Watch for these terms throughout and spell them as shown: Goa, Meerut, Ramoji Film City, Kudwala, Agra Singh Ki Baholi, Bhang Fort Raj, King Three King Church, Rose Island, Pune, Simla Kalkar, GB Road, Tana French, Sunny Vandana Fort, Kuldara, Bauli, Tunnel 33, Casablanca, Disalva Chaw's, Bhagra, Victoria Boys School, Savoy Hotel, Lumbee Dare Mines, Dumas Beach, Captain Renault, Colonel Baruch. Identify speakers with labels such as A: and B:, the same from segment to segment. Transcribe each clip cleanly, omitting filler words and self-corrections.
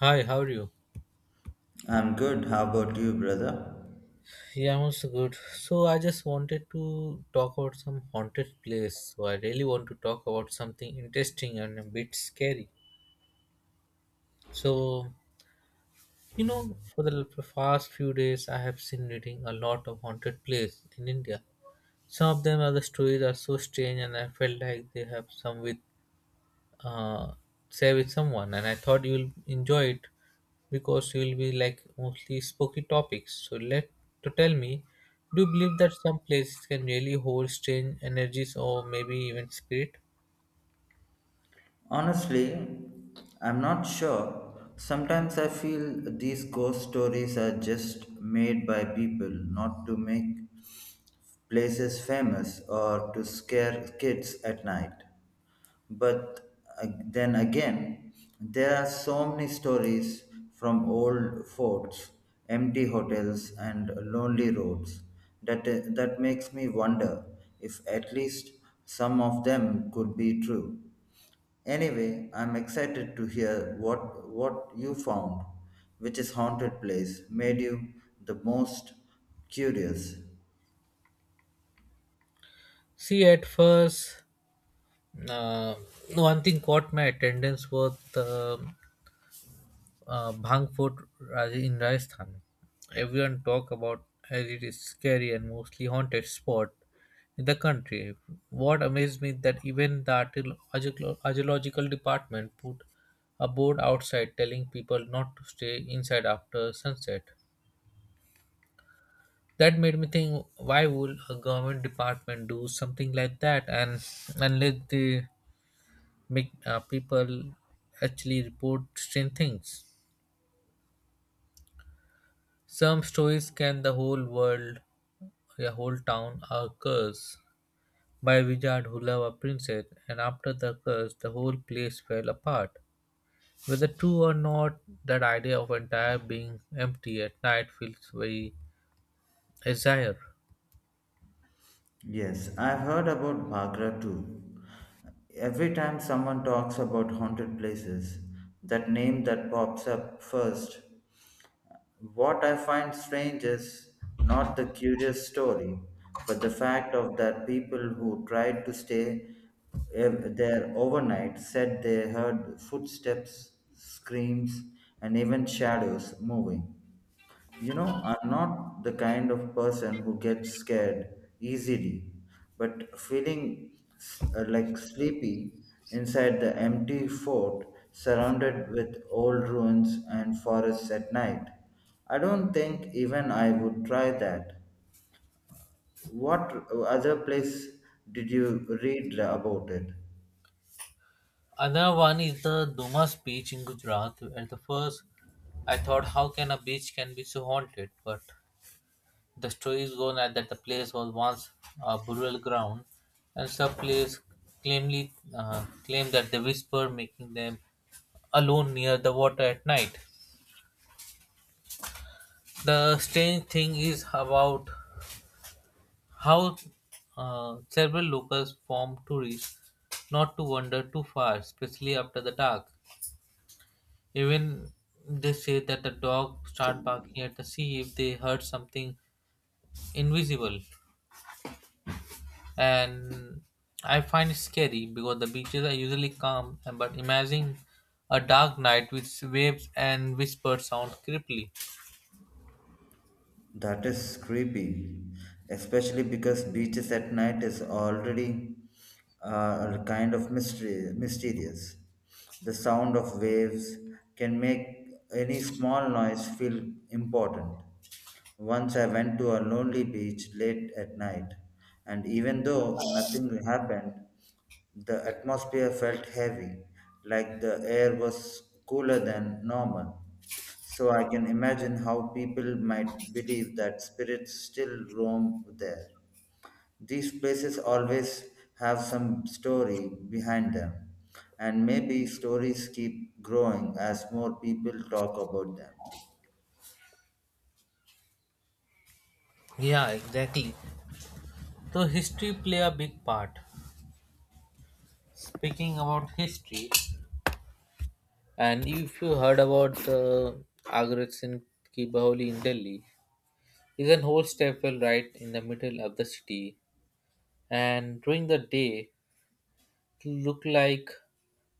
A: Hi, how are you?
B: I'm good. How about you, brother?
A: Yeah, I'm also good. So I just wanted to talk about some haunted place. So I really want to talk about something interesting and a bit scary. So you know, for the past few days, I have been reading a lot of haunted places in India. Some of them are the stories are so strange, and I felt like they have some with uh, share with someone, and I thought you'll enjoy it because you'll be like mostly spooky topics. So let to tell me, do you believe that some places can really hold strange energies or maybe even spirit?
B: Honestly, I'm not sure. Sometimes I feel these ghost stories are just made by people not to make places famous or to scare kids at night. But then again, there are so many stories from old forts, empty hotels, and lonely roads that makes me wonder if at least some of them could be true. Anyway, I'm excited to hear what you found, which is haunted place made you the most curious.
A: See at first, uh, one thing caught my attendance was the Bhang Fort Raj- in Rajasthan. Everyone talk about as it is scary and mostly haunted spot in the country. What amazed me that even the archaeological department put a board outside telling people not to stay inside after sunset. That made me think, why would a government department do something like that, and unless they make people actually report strange things. Some stories can the whole world, a whole town, are cursed by a wizard who loved a princess, and after the curse, the whole place fell apart. Whether true or not, that idea of entire being empty at night feels very azure.
B: Yes, I've heard about Bhagra too. Every time someone talks about haunted places, that name that pops up first. What I find strange is not the curious story, but the fact of that people who tried to stay there overnight said they heard footsteps, screams, and even shadows moving. You know, I'm not the kind of person who gets scared easily, but feeling like sleepy inside the empty fort surrounded with old ruins and forests at night. I don't think even I would try that. What other place did you read about it?
A: Another one is the Dumas Beach in Gujarat. At the first, I thought, how can a beach can be so haunted? But the story is gone at that the place was once a burial ground, and some players claim that they whisper, making them alone near the water at night. The strange thing is about how, several locals form tourists not to wander too far, especially after the dark. Even they say that the dog start barking at the sea if they heard something invisible. And I find it scary because the beaches are usually calm. But imagine a dark night with waves and whispered sound creepily.
B: That is creepy, especially because beaches at night is already kind of mysterious. The sound of waves can make any small noise feel important. Once I went to a lonely beach late at night, and even though nothing happened, the atmosphere felt heavy, like the air was cooler than normal. So I can imagine how people might believe that spirits still roam there. These places always have some story behind them, and maybe stories keep growing as more people talk about them.
A: Yeah, exactly. So history play a big part. Speaking about history, and if you heard about the Agra Singh Ki Baholi in Delhi, is an whole stairwell right in the middle of the city, and during the day, it look like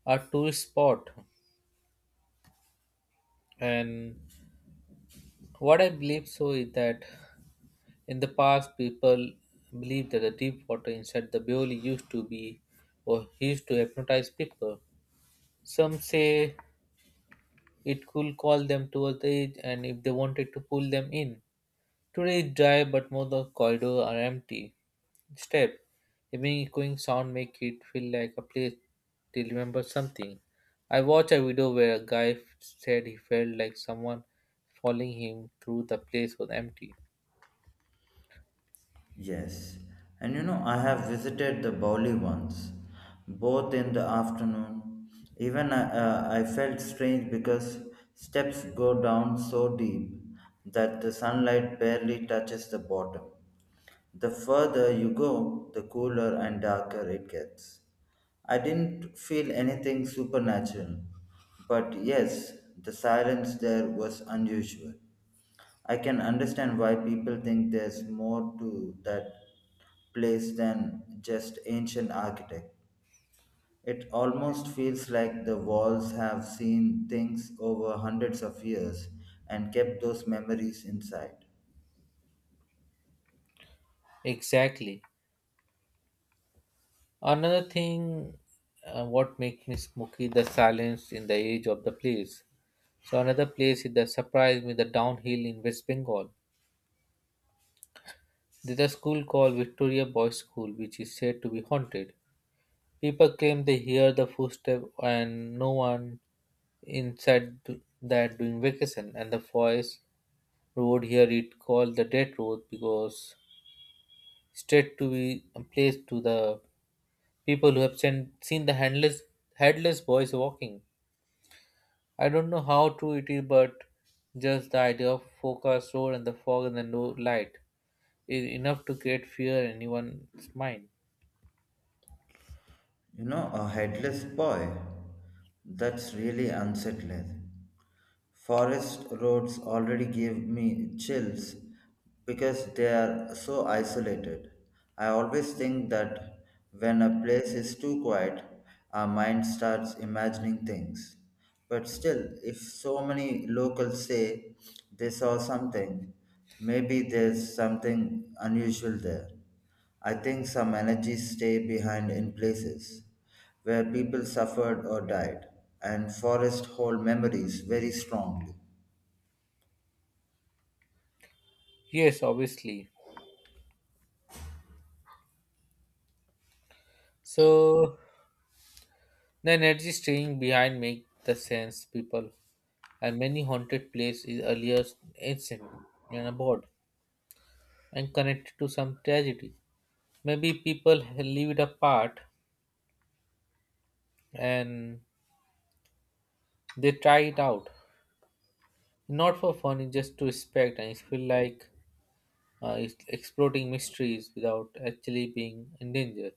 A: a tourist spot. And what I believe so is that in the past, people believed that the deep water inside the Baoli used to be or used to hypnotize people. Some say it could call them towards the edge and if they wanted to pull them in. Today it's dry but most of the corridors are empty. Step. Even echoing sound make it feel like a place to remember something. I watched a video where a guy said he felt like someone following him through the place was empty.
B: Yes, and you know, I have visited the Bauli once, both in the afternoon. Even I felt strange because steps go down so deep that the sunlight barely touches the bottom. The further you go, the cooler and darker it gets. I didn't feel anything supernatural, but yes, the silence there was unusual. I can understand why people think there's more to that place than just ancient architect. It almost feels like the walls have seen things over hundreds of years and kept those memories inside.
A: Exactly. Another thing, what makes me smoky, the silence in the edge of the place. So another place is that surprised me, the downhill in West Bengal. There's a school called Victoria Boys School, which is said to be haunted. People claim they hear the footstep and no one inside that during vacation. And the forest road here, it called the death road because straight to be a place to the people who have seen the handless, headless boys walking. I don't know how true it is, but just the idea of forecast road and the fog and the no light is enough to create fear in anyone's mind.
B: You know, a headless boy. That's really unsettling. Forest roads already give me chills because they are so isolated. I always think that when a place is too quiet, our mind starts imagining things. But still, if so many locals say they saw something, maybe there's something unusual there. I think some energies stay behind in places where people suffered or died, and forests hold memories very strongly.
A: Yes, obviously. So the energy staying behind make the sense people, and many haunted place is earlier ancient and abroad and connected to some tragedy. Maybe people leave it apart and they try it out, not for fun, it's just to respect and it feel like is exploring mysteries without actually being in danger.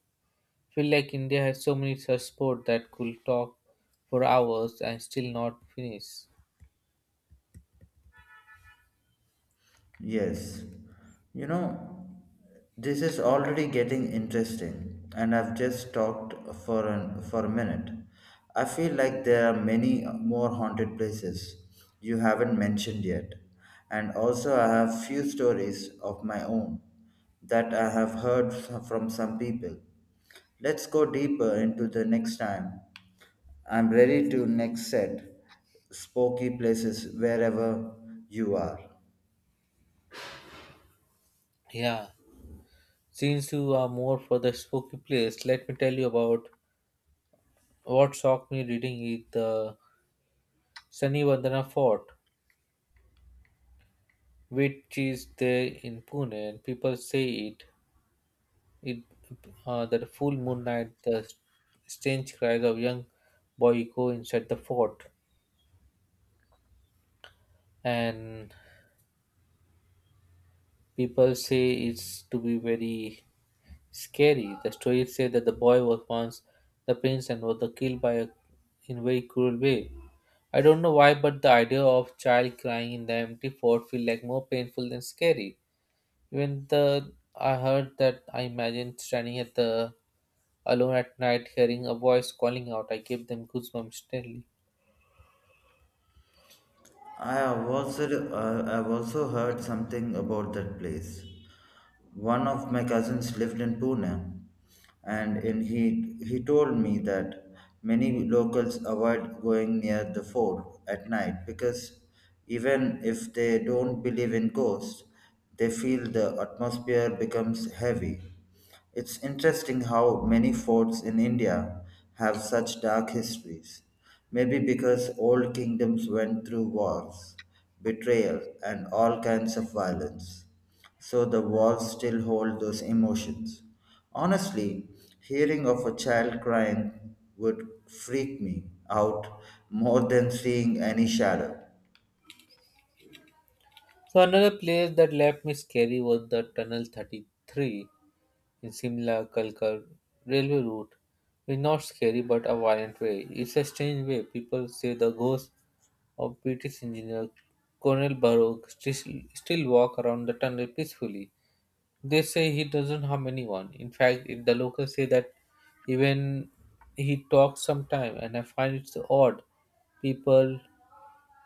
A: Feel like India has so many such sports that could talk for hours and still not finish.
B: Yes, you know, this is already getting interesting, and I've just talked for a minute. I feel like there are many more haunted places you haven't mentioned yet, and also I have few stories of my own that I have heard from some people. Let's go deeper into the next time. I'm ready to next set spooky places wherever you are.
A: Yeah, since you are more for the spooky place, let me tell you about what shocked me reading is the Sunny Vandana Fort, which is there in Pune, and people say it. It that a full moon night, the strange cries of young boy echo inside the fort, and people say it's to be very scary. The stories say that the boy was once the prince and was killed by a, in very cruel way. I don't know why, but the idea of child crying in the empty fort feel like more painful than scary. Even the I heard that I imagined standing at the alone at night hearing a voice calling out. I gave them goosebumps instantly.
B: I've also heard something about that place. One of my cousins lived in Pune, and in he told me that many locals avoid going near the fort at night because even if they don't believe in ghosts, they feel the atmosphere becomes heavy. It's interesting how many forts in India have such dark histories. Maybe because old kingdoms went through wars, betrayal, and all kinds of violence. So the walls still hold those emotions. Honestly, hearing of a child crying would freak me out more than seeing any shadow.
A: So another place that left me scary was the Tunnel 33. In Simla, Kalkar railway route is not scary but a violent way. It's a strange way. People say the ghosts of British engineer Colonel Baruch still walk around the tunnel peacefully. They say he doesn't harm anyone. In fact, if the locals say that even he talks sometime, and I find it so odd. People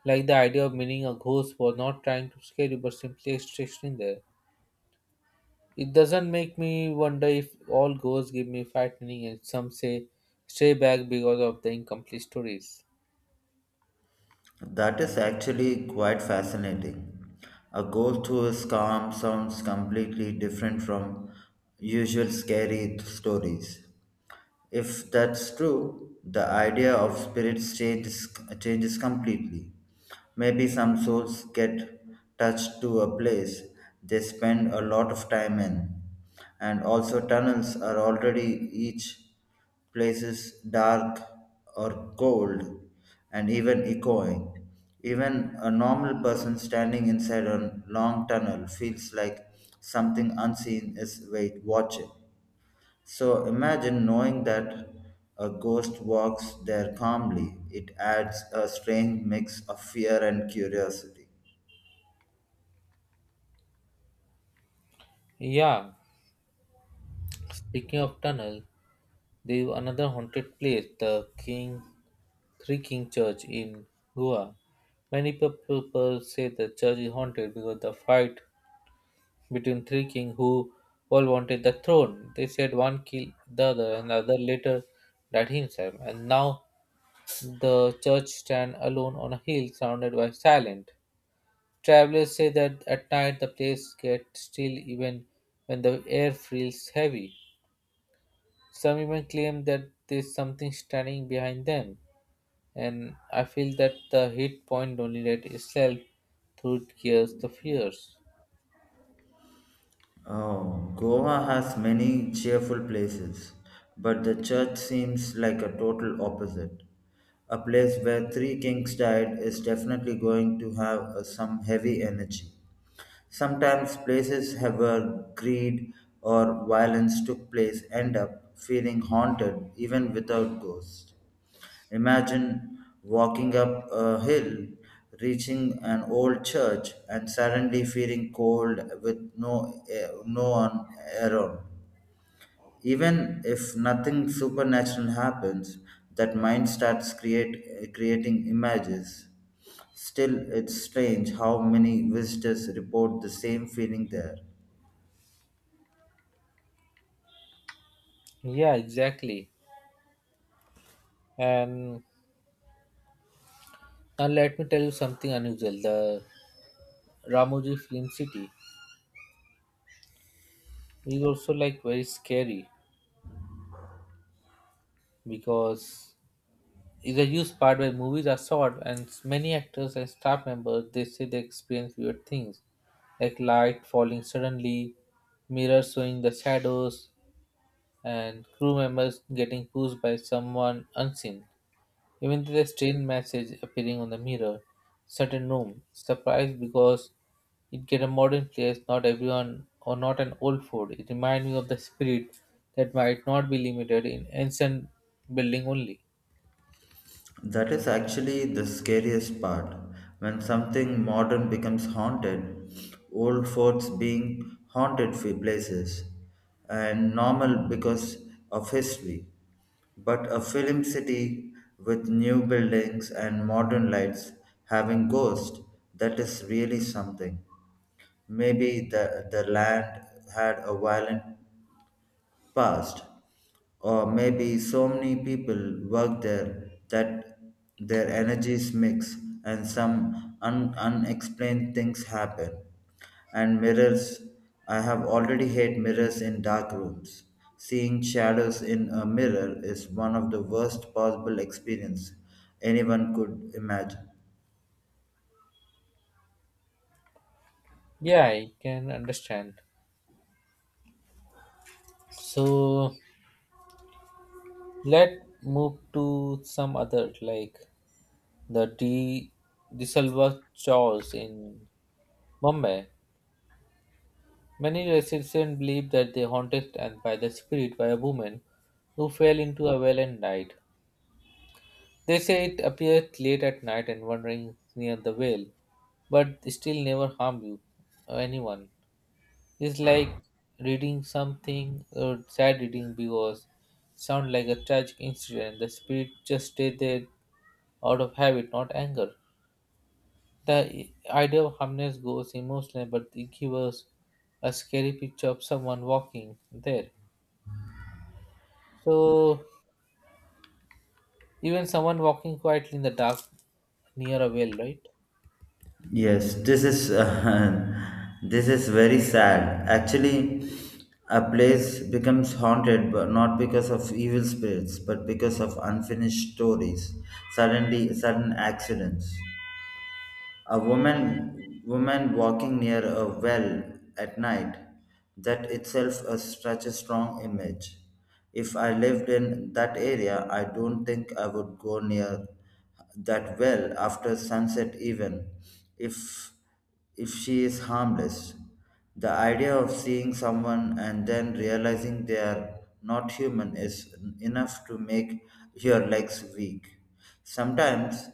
A: like the idea of meeting a ghost was not trying to scare you but simply existing there. It doesn't make me wonder if all ghosts give me frightening, and some say stay back because of the incomplete stories.
B: That is actually quite fascinating. A ghost who is calm sounds completely different from usual scary stories. If that's true, the idea of spirits changes completely. Maybe some souls get touched to a place they spend a lot of time in, and also tunnels are already each places dark or cold and even echoing. Even a normal person standing inside a long tunnel feels like something unseen is wait watching. So imagine knowing that a ghost walks there calmly. It adds a strange mix of fear and curiosity.
A: Yeah, speaking of tunnel, there is another haunted place, the King Three King Church in Goa. Many people say the church is haunted because the fight between three kings who all wanted the throne. They said one killed the other and the other later died himself. And now the church stands alone on a hill surrounded by silent. Travelers say that at night the place gets still even when the air feels heavy. Some even claim that there's something standing behind them. And I feel that the hit point only let itself through gears the fears.
B: Oh, Goa has many cheerful places, but the church seems like a total opposite. A place where three kings died is definitely going to have some heavy energy. Sometimes places have where greed or violence took place end up feeling haunted even without ghosts. Imagine walking up a hill, reaching an old church, and suddenly feeling cold with no one around. Even if nothing supernatural happens, that mind starts creating images. Still, it's strange how many visitors report the same feeling there.
A: Yeah, exactly. And now let me tell you something unusual. The Ramoji Film City is also like very scary because the used part where movies are shot and many actors and staff members, they say they experience weird things, like light falling suddenly, mirrors showing the shadows, and crew members getting pushed by someone unseen, even the strange message appearing on the mirror, certain room surprised because it get a modern place, not everyone or not an old fort. It reminds me of the spirit that might not be limited in ancient building only.
B: That is actually the scariest part. When something modern becomes haunted, old forts being haunted for places, and normal because of history. But a film city with new buildings and modern lights having ghosts, that is really something. Maybe the land had a violent past, or maybe so many people work there that their energies mix and some unexplained things happen. And mirrors, I have already hate mirrors in dark rooms. Seeing shadows in a mirror is one of the worst possible experience anyone could imagine.
A: Yeah, I can understand. So let move to some other like the D Disalva Chaw's in Bombay. Many residents believe that they haunted and by the spirit by a woman who fell into a well and died. They say it appeared late at night and wandering near the well, but still never harmed you or anyone. It's like reading something or sad reading because sound like a tragic incident. The spirit just stayed there out of habit, not anger. The idea of harmless goes emotional, but it gives us a scary picture of someone walking there. So even someone walking quietly in the dark near a well, right?
B: Yes, this is this is very sad. Actually, a place becomes haunted, but not because of evil spirits, but because of unfinished stories. Sudden accidents. A woman walking near a well at night. That itself is such a strong image. If I lived in that area, I don't think I would go near that well after sunset, even if she is harmless. The idea of seeing someone and then realizing they are not human is enough to make your legs weak. Sometimes,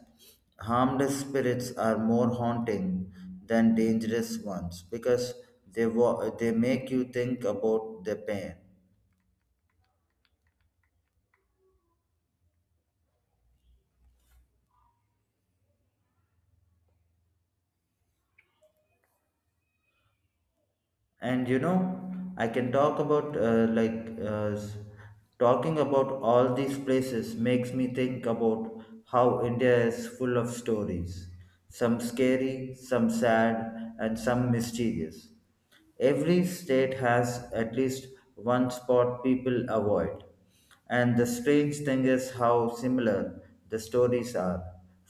B: harmless spirits are more haunting than dangerous ones because they make you think about the pain, and you know, I can talk about like s- talking about all these places makes me think about how India is full of stories, some scary, some sad, and some mysterious. Every state has at least one spot people avoid, and the strange thing is how similar the stories are: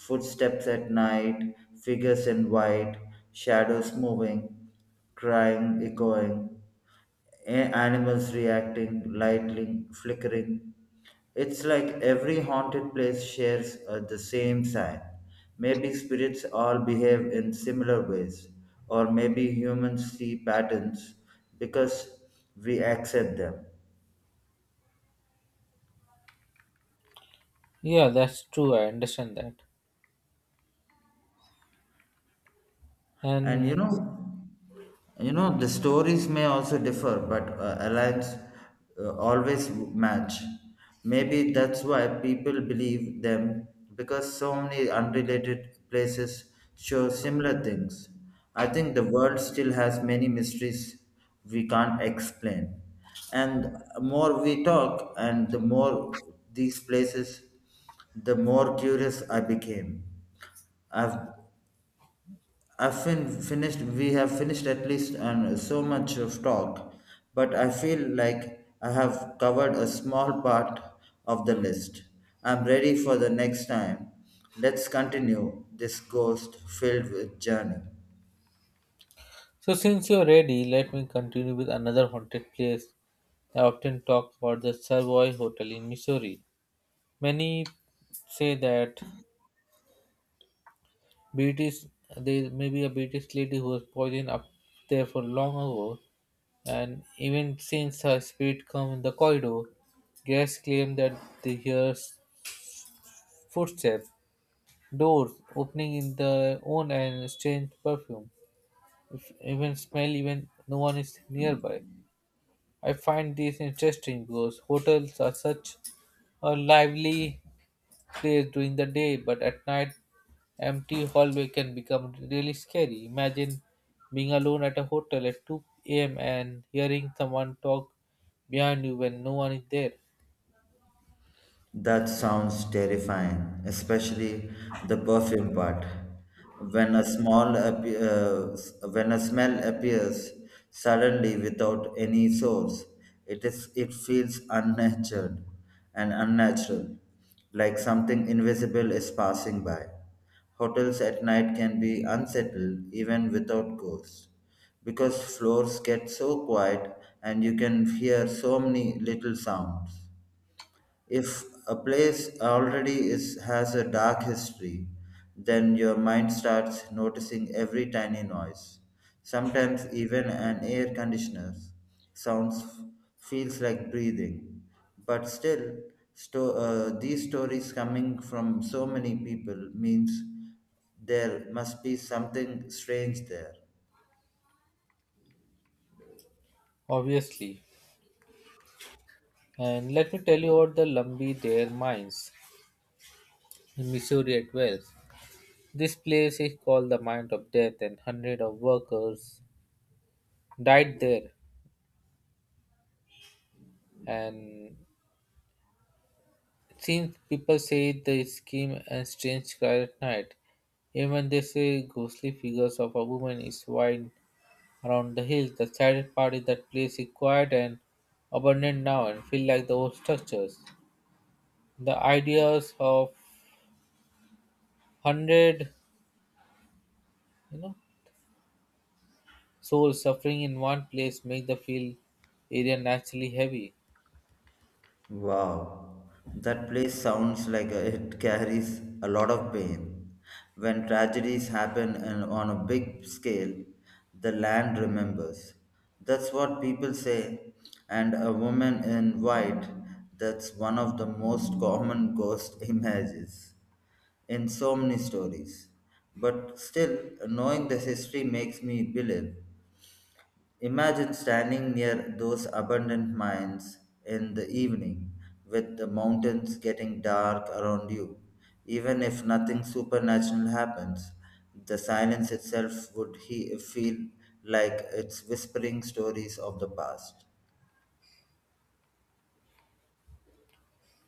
B: footsteps at night, figures in white, shadows moving, crying, echoing, animals reacting, lightning flickering. It's like every haunted place shares the same sign. Maybe spirits all behave in similar ways, or maybe humans see patterns because we accept them.
A: Yeah, that's true. I understand that.
B: And you
A: And
B: know, the stories may also differ, but alliance always match. Maybe that's why people believe them, because so many unrelated places show similar things. I think the world still has many mysteries we can't explain, and more we talk and the more these places, the more curious I became. I've finished. We have finished at least and so much of talk, but I feel like I have covered a small part of the list. I'm ready for the next time. Let's continue this ghost filled with journey.
A: so, since you're ready, let me continue with another haunted place I often talk about, the Savoy Hotel in Missouri. Many say that British there may be a British lady who was poisoned up there for long ago, and even since her spirit come in the corridor, guests claim that they hear footsteps, doors opening in their own and strange perfume. If even smell even no one is nearby. I find this interesting because hotels are such a lively place during the day, but at night, empty hallway can become really scary. Imagine being alone at a hotel at 2 a.m. and hearing someone talk behind you when no one is there,
B: That sounds terrifying, especially the perfume part. When a small appe- s- when a smell appears suddenly without any source, it feels unnatural and unnatural, like something invisible is passing by. Hotels at night can be unsettled even without ghosts, because floors get so quiet and you can hear so many little sounds. If a place has a dark history, then your mind starts noticing every tiny noise. Sometimes even an air conditioner sounds feels like breathing. But still, these stories coming from so many people means there must be something strange there.
A: obviously. And let me tell you about the Lumbee Dare Mines in Missouri at Wells. This place is called the Mine of Death, and hundreds of workers died there. And since people say the scheme and strange guy at night. Even they say ghostly figures of a woman is wide around the hills. The saddest part is that place is quiet and abandoned now and feel like the old structures. The ideas of hundred, you know, souls suffering in one place make the feel area naturally heavy.
B: Wow, that place sounds like it carries a lot of pain. When tragedies happen and on a big scale, the land remembers. That's what people say. And a woman in white, that's one of the most common ghost images in so many stories. But still, knowing this history makes me believe. Imagine standing near those abandoned mines in the evening, with the mountains getting dark around you. Even if nothing supernatural happens, the silence itself would feel like it's whispering stories of the past.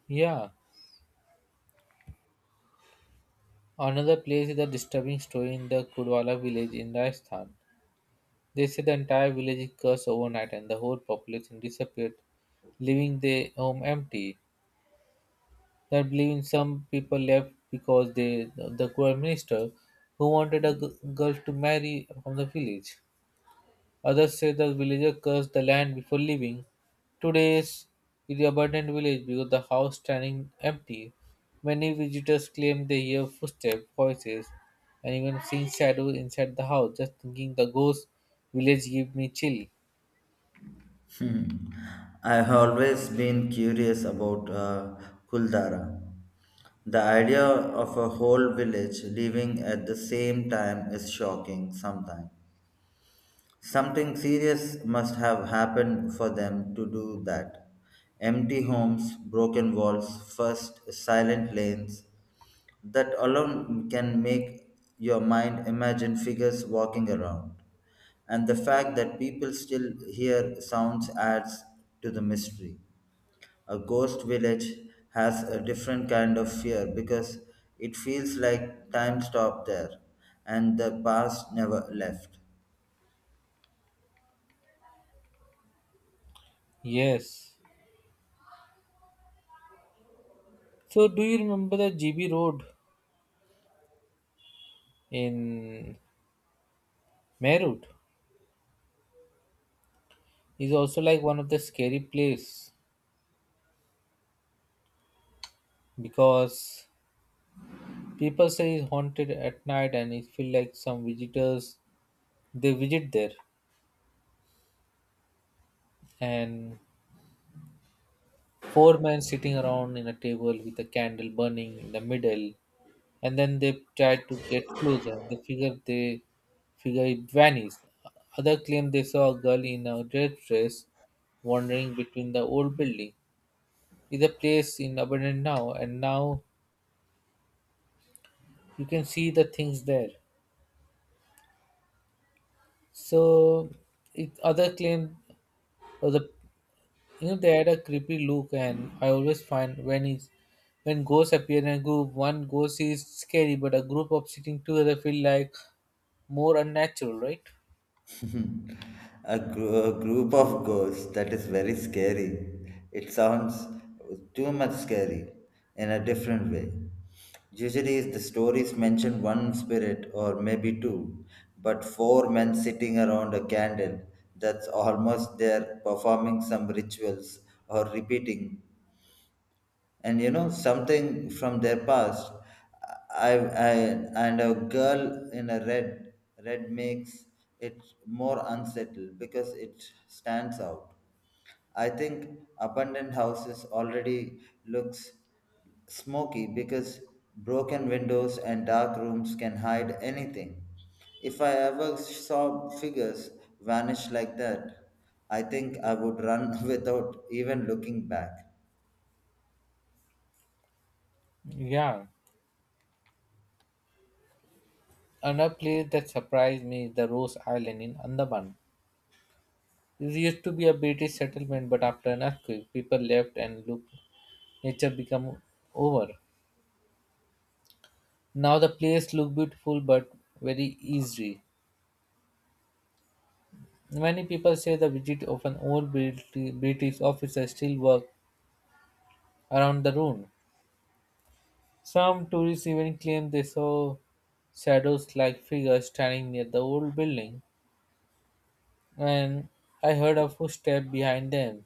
A: Yeah. Another place is a disturbing story in the Kudwala village in Rajasthan. They say the entire village is cursed overnight and the whole population disappeared, leaving their home empty. They believe some people left because they, the prime minister who wanted a girl to marry from the village. Others say the villager cursed the land before leaving. Today's is the abandoned village because the house standing empty. Many visitors claim they hear footsteps, voices, and even seeing shadows inside the house. Just thinking the ghost village gives me chill.
B: Hmm. I've always been curious about Kuldara. The idea of a whole village leaving at the same time is shocking sometimes. Something serious must have happened for them to do that. Empty homes, broken walls, first silent lanes. That alone can make your mind imagine figures walking around. And the fact that people still hear sounds adds to the mystery. A ghost village has a different kind of fear because it feels like time stopped there and the past never left.
A: Yes. So do you remember the GB Road in Meerut? Is also like one of the scary place because people say it's haunted at night, and it feel like some visitors they visit there, and four men sitting around in a table with a candle burning in the middle, and then they try to get closer and they figure it vanished. Other claim they saw a girl in a red dress wandering between the old building, is a place in abandoned now and now you can see the things there. So it other claim was a, you know, they had a creepy look, and I always find when is when ghosts appear in a group, one ghost is scary but a group of sitting together feel like more unnatural, right?
B: A group of ghosts, that is very scary. It sounds too much scary in a different way. Usually, the stories mention one spirit or maybe two, but four men sitting around a candle, that's almost there performing some rituals or repeating and you know something from their past. I and a girl in a red makes it more unsettled because it stands out. I think abandoned houses already looks smoky because broken windows and dark rooms can hide anything. If I ever saw figures vanish like that, I think I would run without even looking back.
A: Yeah, another place that surprised me is the rose island in andaman. It used to be a british settlement, but after an earthquake people left and look nature become over. Now the place look beautiful but very easy. Many people say the visit of an old British officer still work around the room. Some tourists even claim they saw shadows like figures standing near the old building and I heard a footstep behind them.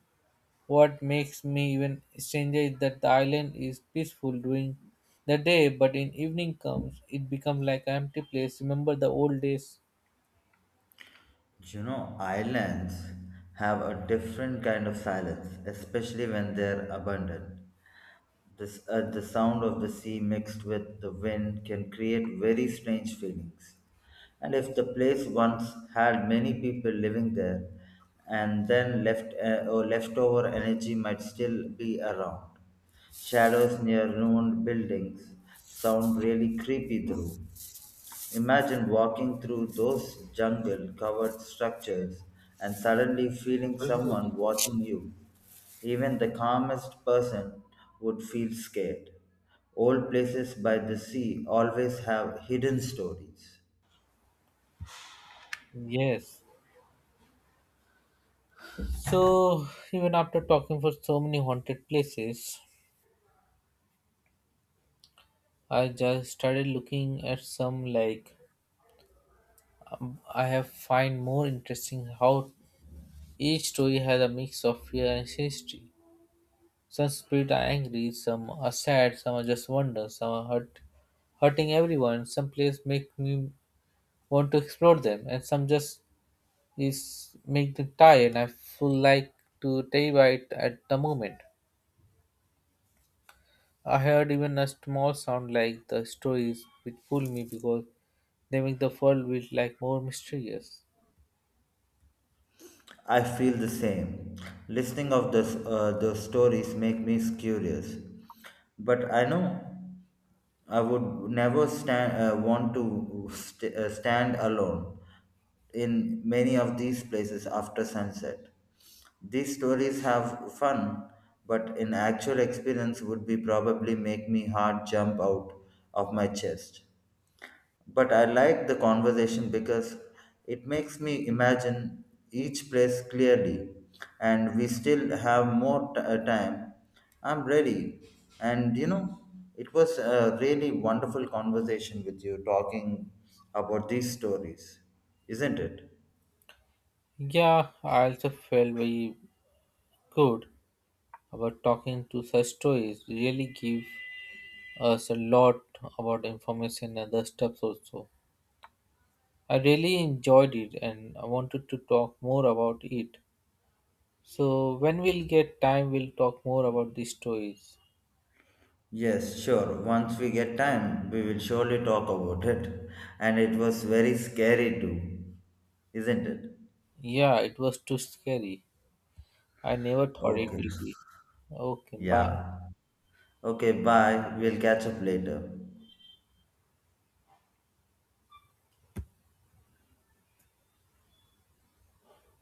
A: What makes me even stranger is that the island is peaceful during the day but in evening comes it becomes like an empty place. Remember the old days?
B: You know, islands have a different kind of silence, especially when they're abandoned. The sound of the sea mixed with the wind can create very strange feelings. And if the place once had many people living there, and then left or leftover energy might still be around. Shadows near ruined buildings sound really creepy through. Imagine walking through those jungle covered structures and suddenly feeling someone watching you. Even the calmest person would feel scared. Old places by the sea always have hidden stories.
A: Yes. So, even after talking for so many haunted places, I just started looking at some like I have find more interesting how each story has a mix of fear and history. Some spirits are angry, some are sad, some are just wonder, some are hurt, hurting everyone. Some places make me want to explore them, and some just is make me tired. And I feel like to terrified at the moment. I heard even a small sound like the stories which pull me because they make the world feel like more mysterious.
B: I feel the same. Listening of the stories make me curious. But I know I would never stand, want to st- stand alone in many of these places after sunset. These stories have fun, but in actual experience would be probably make me heart jump out of my chest. But I like the conversation because it makes me imagine each place clearly, and we still have more time. I'm ready, and you know, it was a really wonderful conversation with you talking about these stories, isn't it?
A: Yeah, I also felt very good about talking to such stories. Really give us a lot about information and other stuff also. I really enjoyed it and I wanted to talk more about it. So when we'll get time we'll talk more about these stories.
B: Yes, sure. Once we get time, we will surely talk about it. And it was very scary too, isn't it?
A: Yeah, it was too scary. I never thought it
B: Okay.
A: will be. Okay, bye.
B: Yeah. Okay, bye. We'll catch up later.